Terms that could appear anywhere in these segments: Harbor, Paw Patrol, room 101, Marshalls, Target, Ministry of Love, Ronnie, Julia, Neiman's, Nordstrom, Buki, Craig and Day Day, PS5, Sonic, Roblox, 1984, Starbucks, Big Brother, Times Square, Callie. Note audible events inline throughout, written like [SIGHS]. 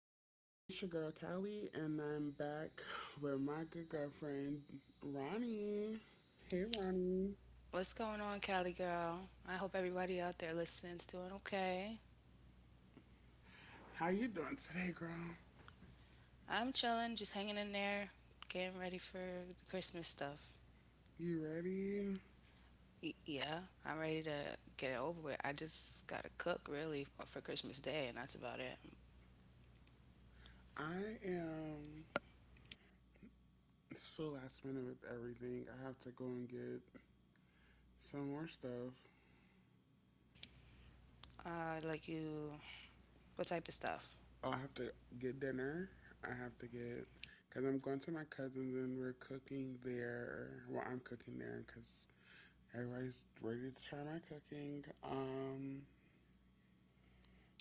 everyone, it's your girl Callie, and I'm back with my good girlfriend Ronnie. Hey Ronnie, What's going on, Cali girl? I hope everybody out there listening's doing okay. how you doing today, girl? I'm chilling, just hanging in there, getting ready for the Christmas stuff. You ready? Yeah, I'm ready to get it over with. I just gotta cook really for Christmas Day, and that's about it. I am so last minute with everything. I have to go and get some more stuff. Like you, what type of stuff? Oh, I have to get dinner. I have to get because I'm going to my cousins and we're cooking there. Well, I'm cooking there because everybody's ready to try my cooking.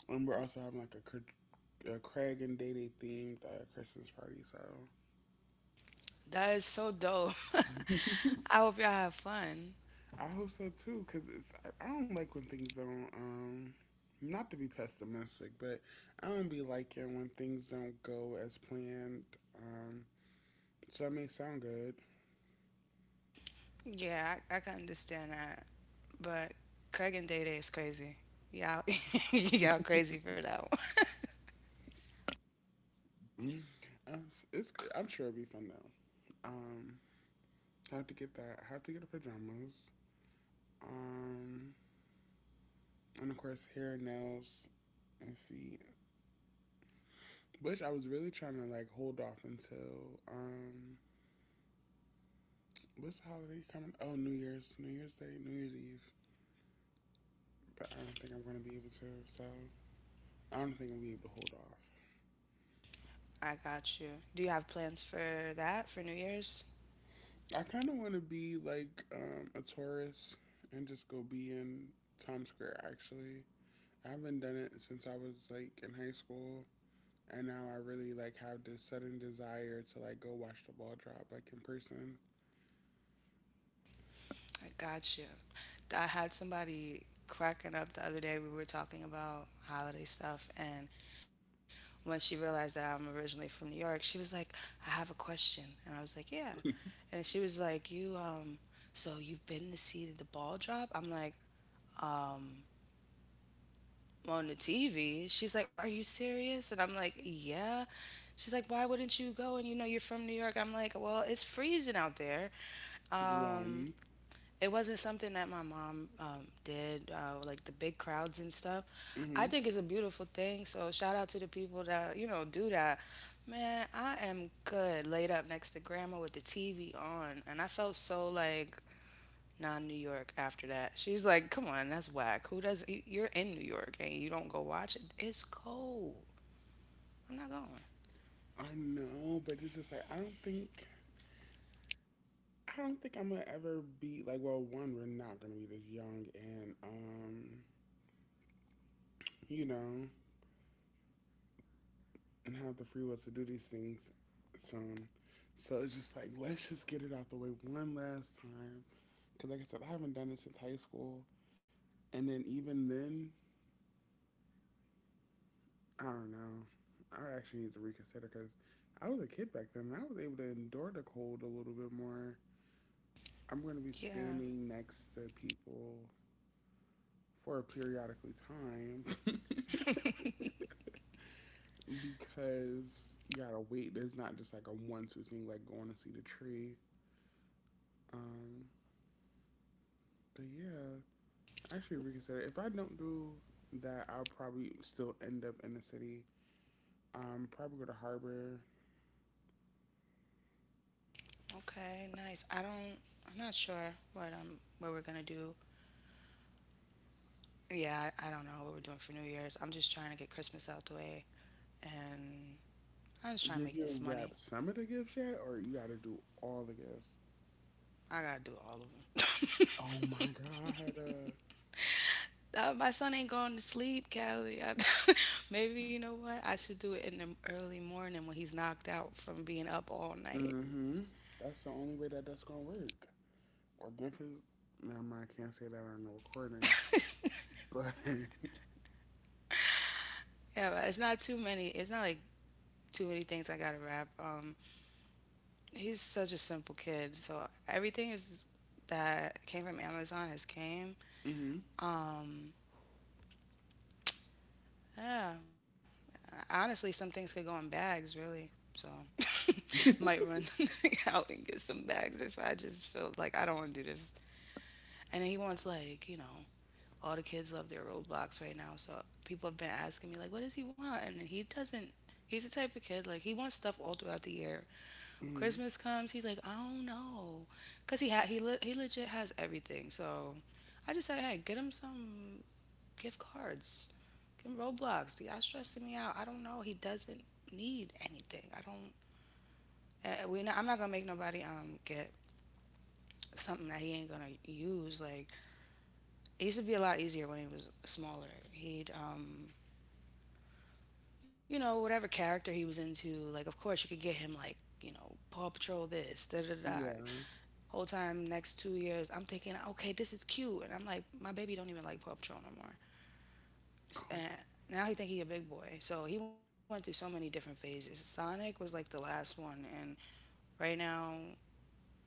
And we're also having like a Craig and Day Day themed Christmas party. So That is so dope. [LAUGHS] I hope y'all have fun. I hope so too, because I don't like when things don't. Not to be pessimistic, but I don't be liking when things don't go as planned. Um, so it may sound good. Yeah, I can understand that, but Craig and Day Day is crazy. Y'all, [LAUGHS] y'all crazy for that. Mm-hmm. I'm sure it'll be fun though. Um, I have to get that. I have to get the pajamas. Um, and of course hair, nails, and feet, which I was really trying to like hold off until What's the holiday coming? Oh, New Year's, New Year's Day, New Year's Eve. But I don't think I'm gonna be able to. I don't think I'll be able to hold off. I got you. Do you have plans for that for New Year's? I kind of want to be like a tourist and just go be in Times Square. Actually, I haven't done it since I was like in high school, and now I really like have this sudden desire to like go watch the ball drop like in person. I got you. I had somebody cracking up the other day. We were talking about holiday stuff, and when she realized that I'm originally from New York, she was like, "I have a question," and I was like, "Yeah," and she was like, "You so you've been to see the ball drop?" I'm like, "Um, on the TV." She's like, "Are you serious?" And I'm like, "Yeah." She's like, "Why wouldn't you go? And you know, you're from New York." I'm like, "Well, it's freezing out there. Um, One. it wasn't something that my mom did, like the big crowds and stuff." Mm-hmm. I think it's a beautiful thing. So shout out to the people that, you know, do that. Man, I am good laid up next to grandma with the TV on. And I felt so like not New York after that. She's like, "Come on, that's whack. Who does you're in New York and you don't go watch it? It's cold." I'm not going. I know, but it's just like I don't think I'm gonna ever be like. Well, one, we're not gonna be this young, and you know, and have the free will to do these things. So, So it's just like let's just get it out the way one last time. Cause like I said, I haven't done it since high school, and then even then, I don't know. I actually need to reconsider because I was a kid back then, and I was able to endure the cold a little bit more. I'm going to be Yeah. standing next to people for a periodically time. [LAUGHS] Because you gotta wait. There's not just like a one two thing like going to see the tree. Um, but yeah, actually reconsider. If I don't do that, I'll probably still end up in the city. Probably go to Harbor. Okay. Nice. I don't. I'm not sure what we're gonna do. Yeah, I don't know what we're doing for New Year's. I'm just trying to get Christmas out the way, and I'm just trying to Did make you this money. wrap some of the gifts yet, or you gotta do all the gifts? I gotta do all of them. Oh my god. My son ain't going to sleep, Callie. I, [LAUGHS] maybe you know what? I should do it in the early morning when he's knocked out from being up all night. Mm-hmm. That's the only way that that's gonna work. Or gift is. Never mind. I can't say that on the recording. But. [LAUGHS] Yeah, but it's not too many. It's not like too many things I gotta rap. He's such a simple kid, so everything is that came from Amazon has came. Mm-hmm. Um, yeah, Honestly, some things could go in bags, really. So [LAUGHS] might run [LAUGHS] out and get some bags if I just feel like I don't want to do this. And then he wants like you know all the kids love their Roblox right now, so people have been asking me like, what does he want? And he doesn't. He's the type of kid like he wants stuff all throughout the year. Mm-hmm. Christmas comes, he's like, I don't know, cause he had he le- he legit has everything. So I just said, hey, get him some gift cards, get him Roblox. Y'all stressing me out. I don't know. He doesn't need anything. I don't. We not, I'm not gonna make nobody get something that he ain't gonna use. Like it used to be a lot easier when he was smaller. He'd you know whatever character he was into. Like of course you could get him like you know Paw Patrol, this da da da. Yeah. Whole time next two years, I'm thinking, okay, this is cute, and I'm like, my baby don't even like Paw Patrol no more. And Oh, now he think he a big boy. So he went through so many different phases. Sonic was like the last one, and right now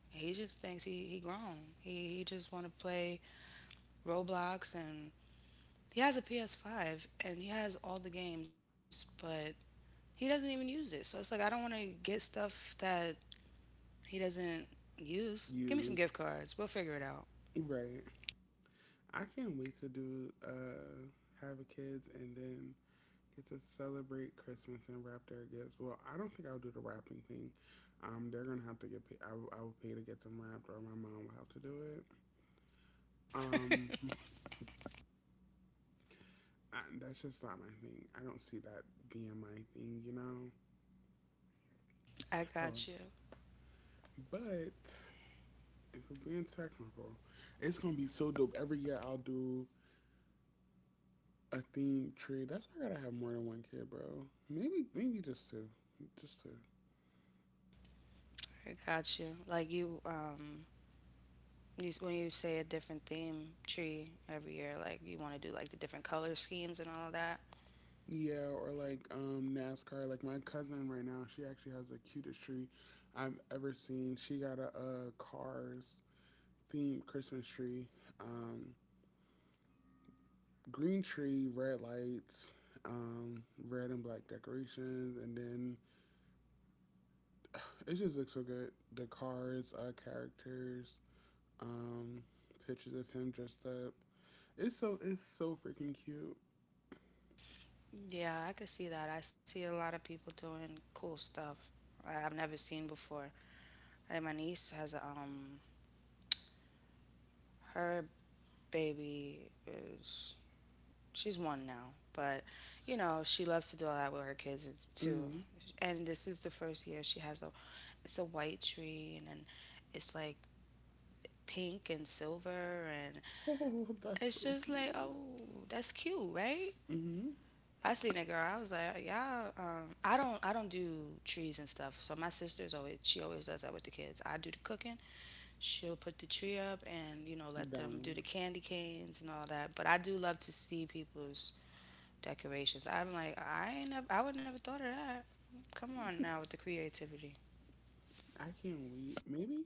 he just thinks he grown. He just want to play Roblox, and he has a PS5, and he has all the games, but he doesn't even use it. So it's like I don't want to get stuff that he doesn't use. Give me some you gift cards. We'll figure it out. right. I can't wait to do have a kids and then get to celebrate Christmas and wrap their gifts. Well, I don't think I'll do the wrapping thing. They're gonna have to get paid. I will pay to get them wrapped, or my mom will have to do it. Um, that's just not my thing. I don't see that being my thing, you know. I got you. Oh, but if we're being technical, it's gonna be so dope. Every year I'll do a theme tree. That's why I gotta have more than one kid, bro. Maybe just two, just two. I got you. Like you, you when you say a different theme tree every year, like you want to do like the different color schemes and all of that. Yeah, or like NASCAR. Like my cousin right now, she actually has the cutest tree I've ever seen. She got a Cars themed Christmas tree, um, green tree, red lights. Um, Red and black decorations, and then it just looks so good. The cars, characters, um, pictures of him dressed up. It's so freaking cute. Yeah, I could see that. I see a lot of people doing cool stuff I've never seen before. I think my niece has a, her baby is, she's one now, but you know she loves to do all that with her kids too. Mm. And this is the first year she has a, it's a white tree, and then it's like pink and silver, and Oh, [LAUGHS] that's it's so just like, cute. oh, that's cute, right? Mm-hmm. I seen that girl. I was like, y'all. I don't. I don't do trees and stuff. So my sister's always, she always does that with the kids. I do the cooking. She'll put the tree up and you know let them do the Balance. candy canes and all that. But I do love to see people's decorations. I'm like, I ain't. Never, I would never thought of that. Come on now with the creativity. I can't wait. Maybe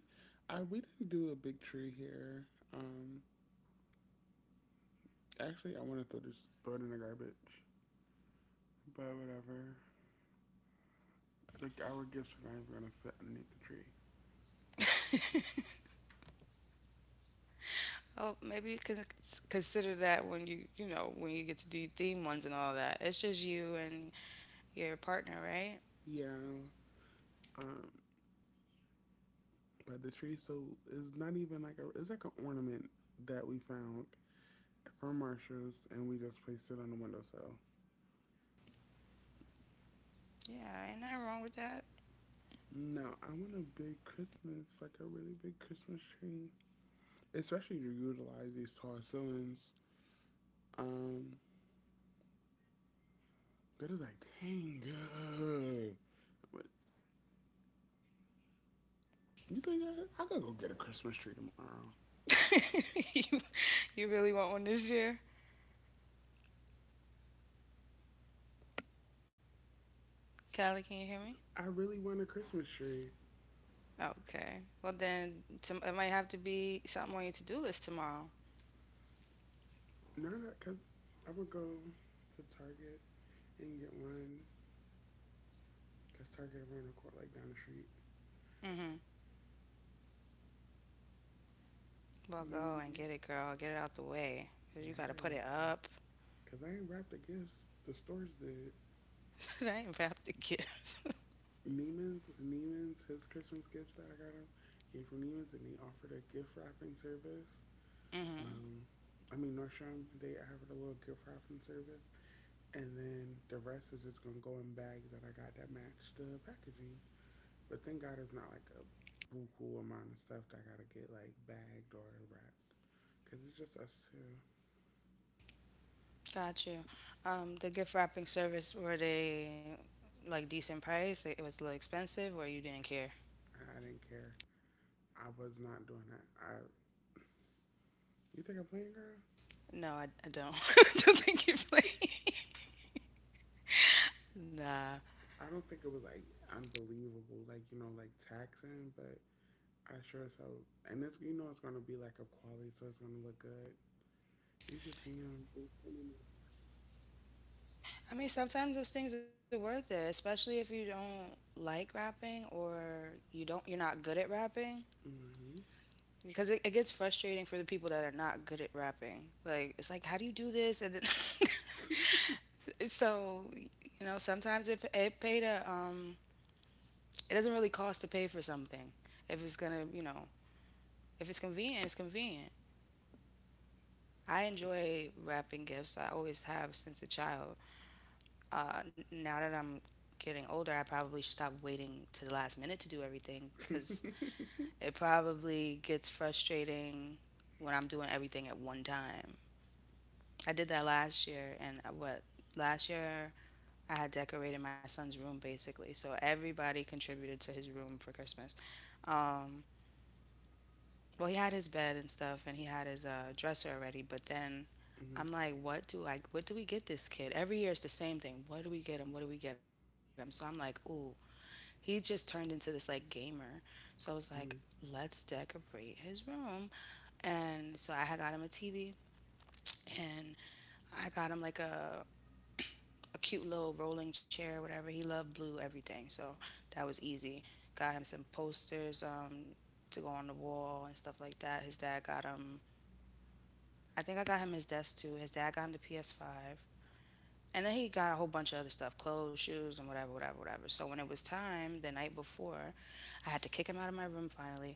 I We didn't do a big tree here. Um, Actually, I want to throw it in the garbage, but whatever. Like our gifts are not even gonna fit underneath the tree. Oh, maybe you can consider that when you know when you get to do theme ones and all that. It's just you and your partner, right? Yeah. Um, but the tree so it's not even like a it's like an ornament that we found from Marshalls and we just placed it on the windowsill. Yeah, ain't nothing wrong with that. No, I want a big Christmas, like a really big Christmas tree, especially to utilize these tall ceilings. Um, that is like, dang, good. But you think I gotta go get a Christmas tree tomorrow? [LAUGHS] you, you really want one this year? Callie, can you hear me? I really want a Christmas tree. Okay. Well, it might have to be something on your to do list tomorrow. Now that, cause I'm gonna go to Target and get one, cause Target around the court, like down the street. Mm-hmm. Well, go and Maybe, get it, girl. Get it out the way. 'Cause you got to put it yes, up. cause I ain't wrapped the gifts. The stores did. [LAUGHS] I ain't wrapped the gift. Neiman's, his Christmas gifts that I got him came from Neiman's, and they offered a gift wrapping service. Mm-hmm. Um, I mean Nordstrom, they offered a little gift wrap from service, and then the rest is just gonna go in bags that I got that match the packaging. But thank God it's not like a buku amount of stuff that I gotta get like bagged or wrapped, cause it's just us two. Got you. The gift wrapping service, were they like decent price? It was a little expensive or you didn't care? I didn't care. I was not doing that. I you think I'm playing, girl? No, I don't. [LAUGHS] I don't think you play. Nah. I don't think it was like unbelievable, like you know, like taxing, but I sure as hell. And it's you know it's gonna be like of quality, so it's gonna look good. You should see them. They sending I mean, sometimes those things are worth it, especially if you don't like rapping or you don't, you're not good at rapping, hmm because it gets frustrating for the people that are not good at rapping. Like it's like how do you do this? And then [LAUGHS] so you know sometimes it paid a it doesn't really cost to pay for something if it's gonna you know if it's convenient, it's convenient. I enjoy wrapping gifts. I always have since a child. Now that I'm getting older, I probably should stop waiting to the last minute to do everything hmm because [LAUGHS] it probably gets frustrating when I'm doing everything at one time. I did that last year, and what last year I had decorated my son's room basically, so everybody contributed to his room for Christmas. Um, well, he had his bed and stuff, and he had his dresser already, but then I'm like, what do we get this kid? Every year it's the same thing. What do we get him? What do we get him? So I'm like, ooh, he just turned into this like gamer. So I was like, hmm let's decorate his room. And so I had got him a TV, and I got him like a cute little rolling chair, whatever. He loved blue, everything. So that was easy. Got him some posters to go on the wall and stuff like that. His dad got him, I think I got him his desk too. His dad got him the PS5. And then he got a whole bunch of other stuff, clothes, shoes, and whatever, whatever, whatever. So when it was time the night before, I had to kick him out of my room finally.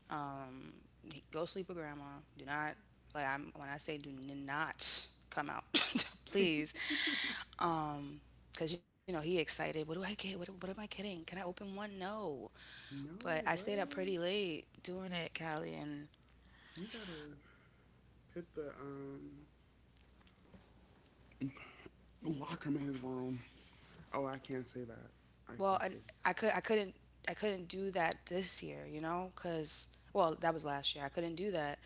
Um, Go sleep with grandma. Do not, like I'm when I say do not come out, [LAUGHS] please. Um, because you know he excited. What do I get? What am I getting? Can I open one? No. But I No, bro. stayed up pretty late doing it, Callie, and You gotta put the lock him in his room. Oh, I can't say that. I well, can't and say. I could I couldn't I couldn't do that this year, you know, because well that was last year. I couldn't do that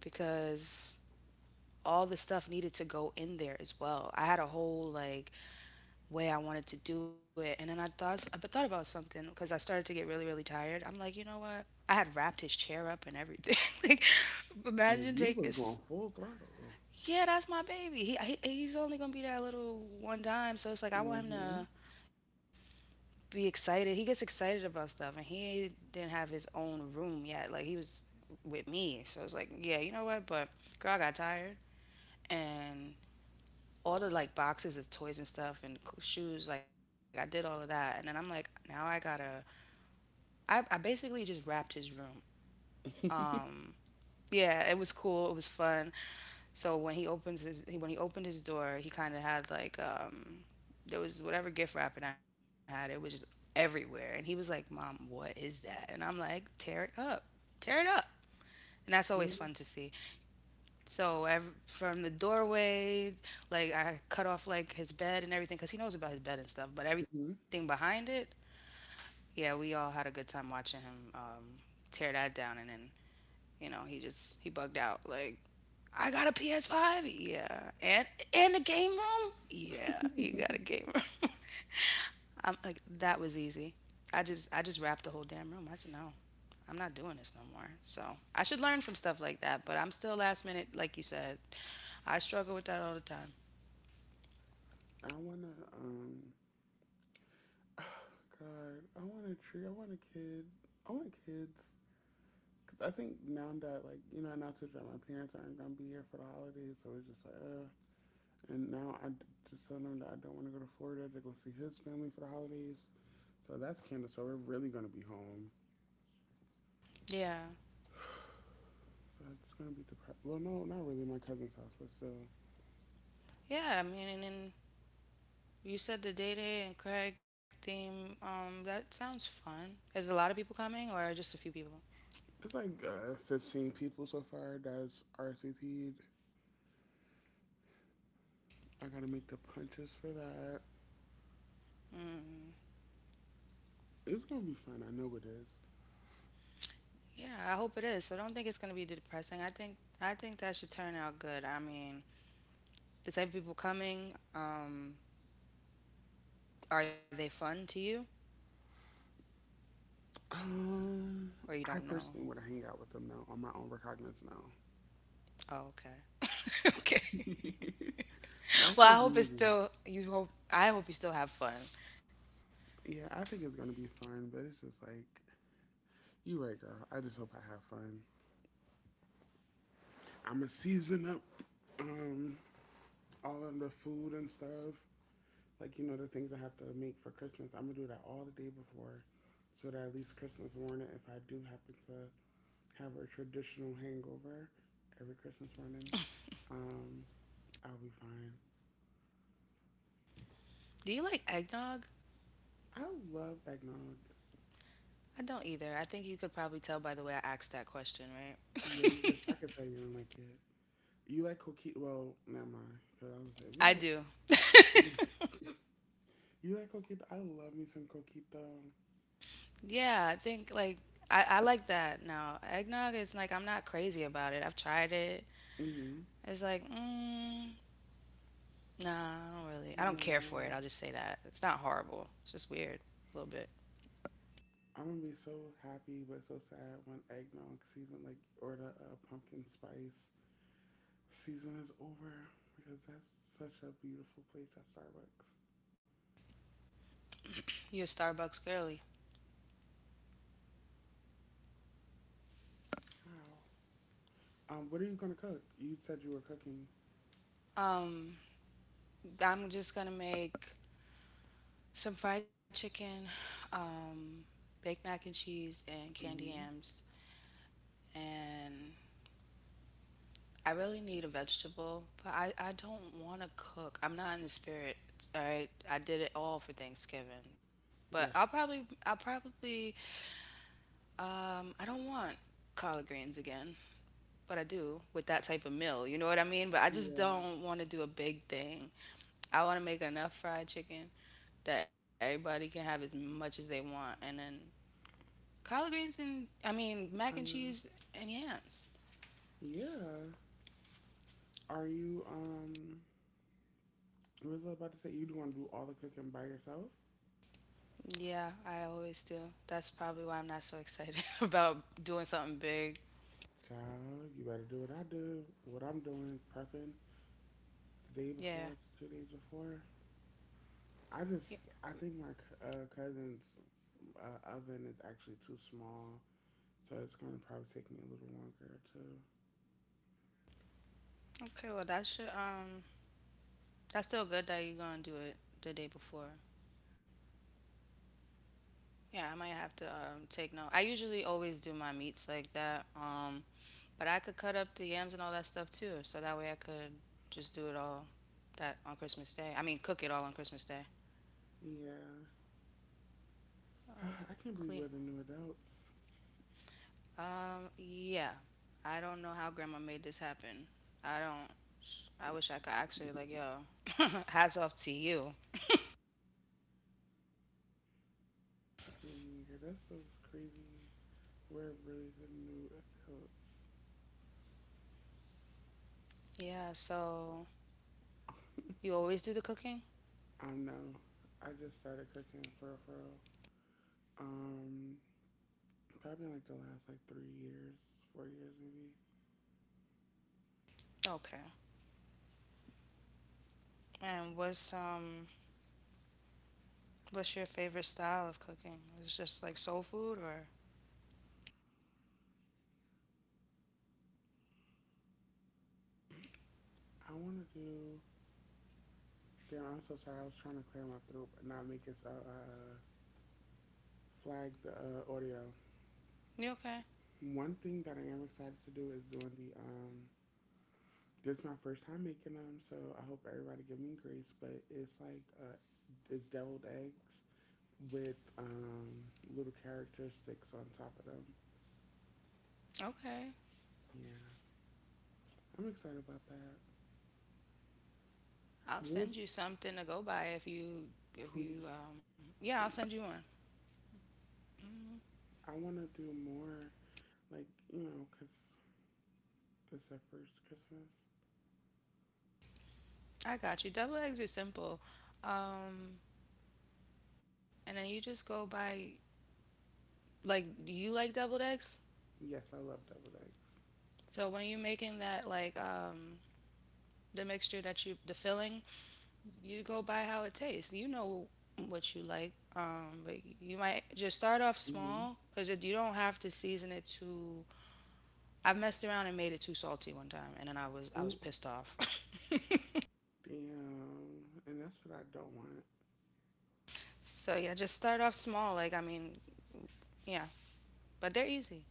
because all the stuff needed to go in there as well. I had a whole like way I wanted to do it, and then I thought about something because I started to get really really tired. I'm like, you know what? I had wrapped his chair up and everything. [LAUGHS] Like, Oh, imagine you take was going it's, full throttle. yeah, that's my baby. He he's only gonna be that little one time, so it's like I want him Hmm. to be excited. He gets excited about stuff, and he didn't have his own room yet. Like he was with me, so it's like, yeah, you know what? But girl, I got tired, and all the like boxes of toys and stuff and shoes. Like I did all of that, and then I'm like, now I gotta. I basically just wrapped his room. Um, yeah, it was cool. It was fun. So when he opens his when he opened his door, he kind of had like there was whatever gift wrapping I had. It was just everywhere, and he was like, "Mom, what is that?" And I'm like, "Tear it up, tear it up." And that's Hmm. always fun to see. From the doorway, like I cut off like his bed and everything, cause he knows about his bed and stuff. But everything behind it, yeah, we all had a good time watching him tear that down. And then he just he bugged out like I got a PS5, yeah, and a game room, yeah. You got a game room. [LAUGHS] I'm like that was easy. I just wrapped the whole damn room. I said no, I'm not doing this no more. So I should learn from stuff like that, but I'm still last minute, like you said. I struggle with that all the time. I wanna [SIGHS] God, I want a tree. I want a kid. I want kids. 'Cause I think now that like you know, not to that my parents aren't gonna be here for the holidays, so it's just like, and now I just told him that I don't want to go to Florida to go see his family for the holidays. So that's canceled. So we're really gonna be home. Yeah, So it's gonna be depressed. Well, no, not really my cousin's house, but still, yeah. I mean, and then you said the day and Craig theme. That sounds fun. Is a lot of people coming or just a few people? it's like 15 people so far that's RSVP'd. I gotta make the punches for that. It's gonna be fun. I know it is. Yeah, I hope it is. So don't think it's going to be depressing. I think that should turn out good. I mean, the type of people coming, are they fun to you Um, or you I don't know? personally wanna hang out with them now on my own recognizance now. Oh, okay. [LAUGHS] Okay. [LAUGHS] That's Well, just me. I hope you still have fun. Yeah, I think it's gonna be fun, but it's just like you right, girl. I just hope I have fun. I'ma season up um all of the food and stuff. Like you know the things I have to make for Christmas. I'm gonna do that all the day before, so that at least Christmas morning, if I do happen to have a traditional hangover every Christmas morning, um, I'll be fine. Do you like eggnog? I love eggnog. I don't either. I think you could probably tell by the way I asked that question, right? Yeah, you could, I could tell you don't like it. You like coquito? Well, never mind. Cause I was saying I do. [LAUGHS] you like coquito. I love me some coquito. Yeah, I think like I like that now. Eggnog is like I'm not crazy about it. I've tried it. Mm-hmm. It's like, mm, nah, I don't really. I don't care Nah, for it. I'll just say that. It's not horrible. It's just weird a little bit. I'm gonna be so happy but so sad when eggnog season, like, or the pumpkin spice season is over because that's such a beautiful place at Starbucks. You're a Starbucks girly. Wow. What are you gonna cook? You said you were cooking. Um, I'm just gonna make some fried chicken, um, baked mac and cheese, and candy Hmm. yams. And I really need a vegetable, but I don't want to cook. I'm not in the spirit. All right, I did it all for Thanksgiving, but I'll probably Yes. I'll probably I don't want collard greens again. What I do with that type of meal. You know what I mean? But I just Yeah. don't want to do a big thing. I want to make enough fried chicken that everybody can have as much as they want. And then collard greens and, I mean, mac Uh, and cheese and yams. yeah. Are you, what was I about to say? You want to do all the cooking by yourself? Yeah, I always do. That's probably why I'm not so excited [LAUGHS] about doing something big. Child, you better do what I do, what I'm doing, prepping the day Yeah. before, two days before. I Yeah. just I think my cousin's oven is actually too small, so it's gonna probably take me a little longer to. Okay, well, that should, that's still good that you're going to do it the day before. Yeah, I might have to take note. I usually always do my meats like that. But I could cut up the yams and all that stuff too, so that way I could just do it all that on Christmas Day. I mean, cook it all on Christmas Day. Yeah, [SIGHS] I Clean. can't believe we're the new adults. Yeah. I don't know how grandma made this happen. I don't I wish I could ask her like, yo, [LAUGHS] hats off to you. Dang, girl, that's so crazy. We're really the new adults. Yeah, so you always do the cooking? I know. I just started cooking for um probably like the last like three years, four years maybe. Okay. And what's your favorite style of cooking? Is it just like soul food or I want to do. Damn, I'm so sorry. I was trying to clear my throat, but not make it so flag the audio. you okay? One thing that I am excited to do is doing the this is my first time making them, so I hope everybody give me grace, but it's like it's deviled eggs with little characteristics on top of them. Okay. Yeah. I'm excited about that. I'll send What's you something to go by if you please, yeah, I'll send please. you one. I want to do more like, you know, cuz this is the first Christmas. I got you. Double eggs are simple. Um and then you just go by like do you like deviled eggs? Yes, I love deviled eggs. So when you're making that like the mixture that you the filling, you go by how it tastes. You know what you like. Um, but you might just start off Mhm. small cuz you don't have to season it too. I've messed around and made it too salty one time and then I was Ooh, pissed off. [LAUGHS] damn. And that's what I don't want. So yeah, just start off small. Like I mean, yeah, but they're easy.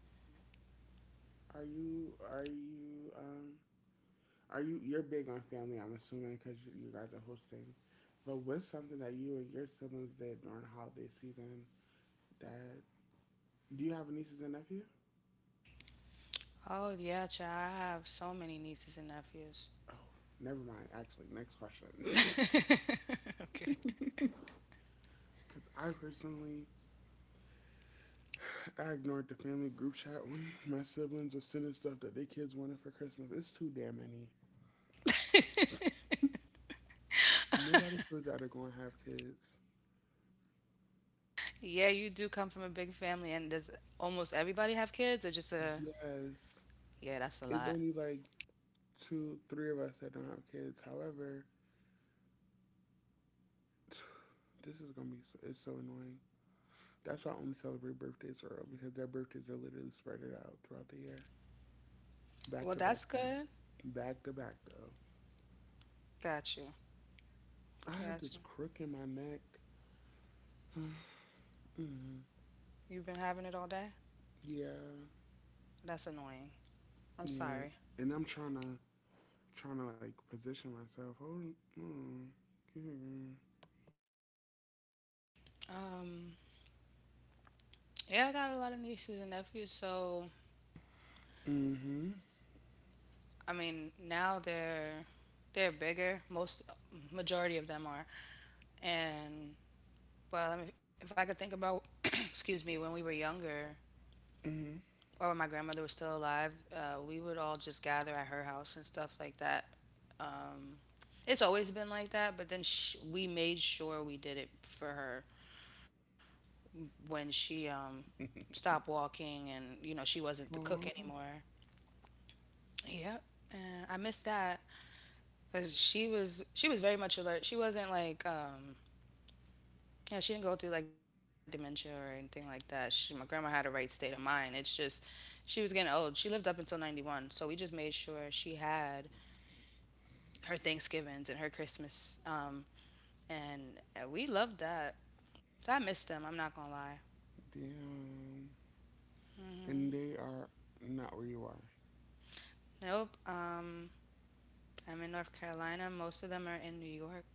Are you are you um are you you're big on family? I'm assuming because you guys are hosting. But what's something that you and your siblings did during holiday season? That do you have a nieces and nephew? Oh yeah, child. I have so many nieces and nephews. Oh, never mind. Actually, next question. Because [LAUGHS] I personally, I ignored the family group chat when [LAUGHS] my siblings were sending stuff that their kids wanted for Christmas. It's too damn many. Nobody told y'all they're going to have kids. Yeah, you do come from a big family, and does almost everybody have kids, or just a? Yes, Yeah, that's a it's lot. only like two, three of us that don't have kids. However, [SIGHS] this is gonna be so, it's so annoying. That's why I only celebrate birthdays early because their birthdays are literally spread it out throughout the year, back Well, to back that's good. though, back to back though. Got you. I have Got this you. crook in my neck. Hmm. You've been having it all day. Yeah, That's annoying. I'm yeah, sorry. and I'm trying to like position myself. Hold, mm, mm-hmm, Um, yeah, I got a lot of nieces and nephews. So mm-hmm. I mean, now they're bigger. Most majority of them are, and well, I mean, if I could think about, [CLEARS THROAT] excuse me, when we were younger Mm-hmm. or when my grandmother was still alive, we would all just gather at her house and stuff like that. Um, it's always been like that, but then sh we made sure we did it for her when she stopped walking and, you know, she wasn't the [LAUGHS] cook Oh, anymore. Yep. And I miss that because she was very much alert. She wasn't like yeah, she didn't go through like dementia or anything like that. She, my grandma had a right state of mind. It's just she was getting old. She lived up until 91. So we just made sure she had her Thanksgivings and her Christmas. And we loved that. So I miss them. I'm not going to lie. damn. And they are not where you are. Nope. I'm in North Carolina. Most of them are in New York.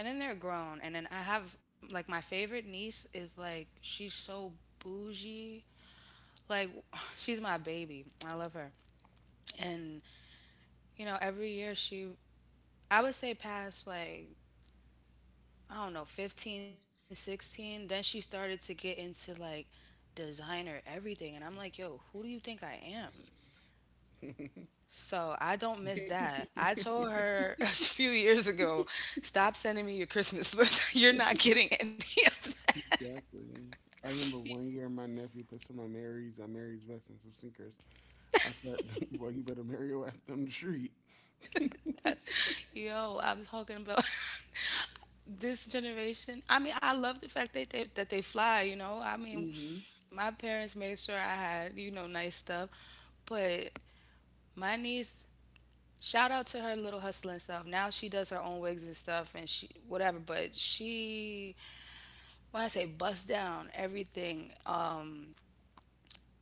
And then they're grown. And then I have like my favorite niece is like, she's so bougie. Like, [SIGHS] she's my baby. I love her. And, you know, every year she I would say past like I don't know 15, 16. Then she started to get into like designer everything and I'm like, "Yo, who do you think I am?" So, I don't miss that. [LAUGHS] I told her [LAUGHS] a few years ago, "Stop sending me your Christmas list. [LAUGHS] You're [LAUGHS] not getting [LAUGHS] any of Exactly. I remember one year my nephew put some on Mary's vest and some sinkers. I said, [LAUGHS] well, you better marry your ass down the street. that." Yo, I'm talking about [LAUGHS] this generation. I mean, I love the fact that they fly, you know. I mean, Mm-hmm. my parents made sure I had, you know, nice stuff, but my niece, shout out to her little hustling self. Now she does her own wigs and stuff and she whatever, but she when I say bust down everything,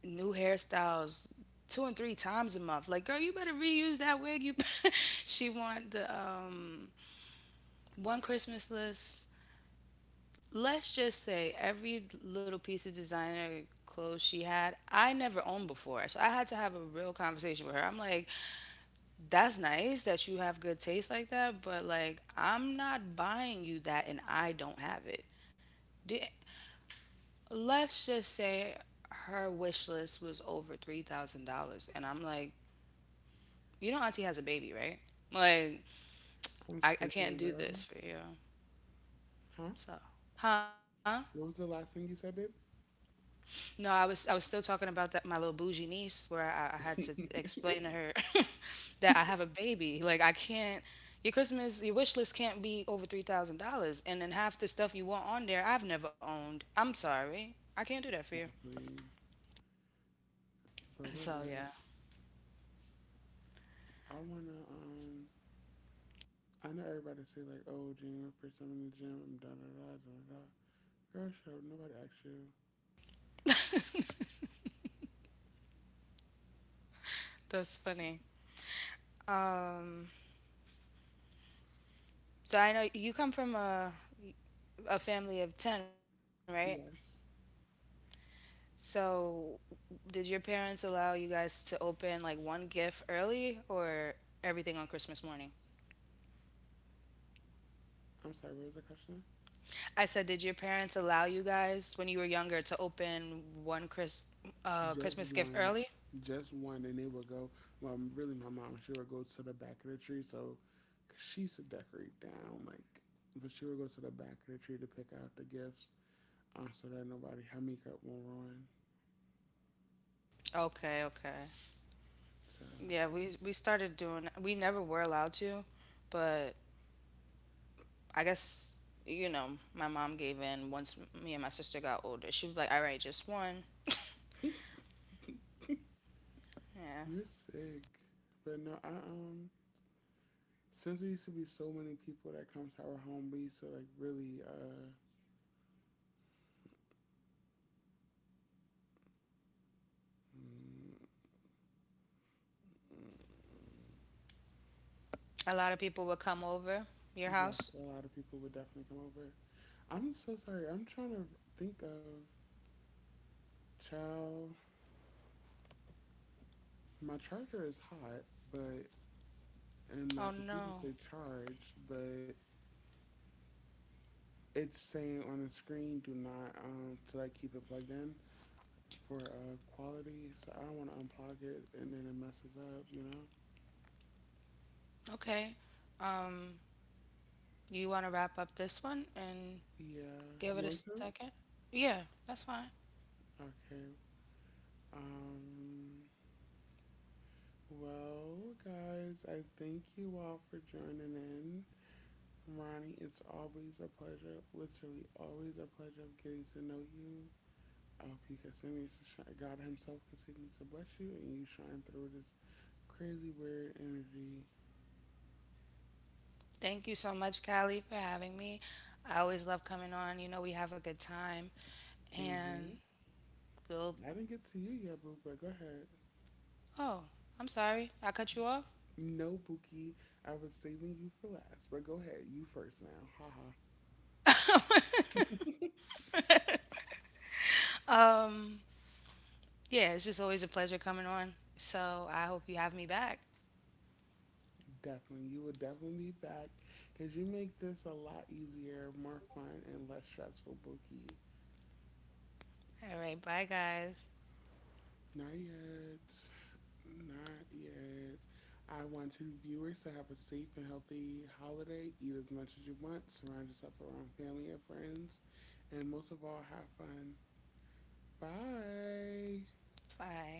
new hairstyles two and three times a month. Like, girl, you better reuse that wig. You [LAUGHS] she want the one Christmas list. Let's just say every little piece of designer clothes she had, I never owned before. So I had to have a real conversation with her. I'm like, that's nice that you have good taste like that, but like I'm not buying you that and I don't have it. Di- let's just say her wish list was over $3,000 and I'm like, you know auntie has a baby, right? Like I'm I screaming, can't do bro. this for you. Huh? So, huh? What was the last thing you said, babe? [LAUGHS] No, I was still talking about that my little bougie niece where I had to explain to her [LAUGHS] that I have a baby. Like I can't your Christmas your wish list can't be over $3,000 and then half the stuff you want on there I've never owned. I'm sorry. I can't do that for you. Exactly. But [LAUGHS] what So I, yeah. I wanna I know everybody say like, oh gym, first time in the gym, da da da da da. Girl, shut up, nobody asked you. That's funny. Um so I know you come from a family of 10, right? Yes. So did your parents allow you guys to open like one gift early or everything on Christmas morning? I'm sorry, what was the question? I said, did your parents allow you guys when you were younger to open one Chris, Just Christmas gift one, early? just one, and they would go. Well, really, my mom she would go to the back of the tree, so 'cause she used to decorate down, like, but she would go to the back of the tree to pick out the gifts, so that nobody her makeup won't ruin. Okay, okay. So Yeah, we started doing. We never were allowed to, but I guess you know my mom gave in once me and my sister got older. She was like, "All right, just one." Yeah. [LAUGHS] you're sick, but no, I since there used to be so many people that come to our home, we used to like really. Mm, mm, A lot of people would come over your yes, house. a lot of people would definitely come over. I'm so sorry. I'm trying to think of child, my charger is hot, but and my Oh computer no. say charged, but it's saying on the screen do not to like keep it plugged in for quality. So I don't want to unplug it and then it messes up, you know? Okay. Um, you want to wrap up this one and Yeah, give you it a want to? second? Yeah, that's fine. Okay. Um. Well, guys, I thank you all for joining in. Ronnie, it's always a pleasure, literally always a pleasure of getting to know you. I hope He continues to shine. God Himself continues to bless you and you shine through this crazy weird energy. Thank you so much, Callie, for having me. I always love coming on. You know, we have a good time. Hmm. And we'll. I didn't get to you yet, boo, but go ahead. Oh, I'm sorry. I cut you off. No, Buki, I was saving you for last, but go ahead, you first now. Haha, Um, yeah, it's just always a pleasure coming on. So I hope you have me back. definitely. You will definitely be back because you make this a lot easier, more fun, and less stressful, Buki. All right. Bye, guys. Not yet. Not yet. I want you viewers to have a safe and healthy holiday. Eat as much as you want. Surround yourself around family and friends. And most of all, have fun. Bye. Bye.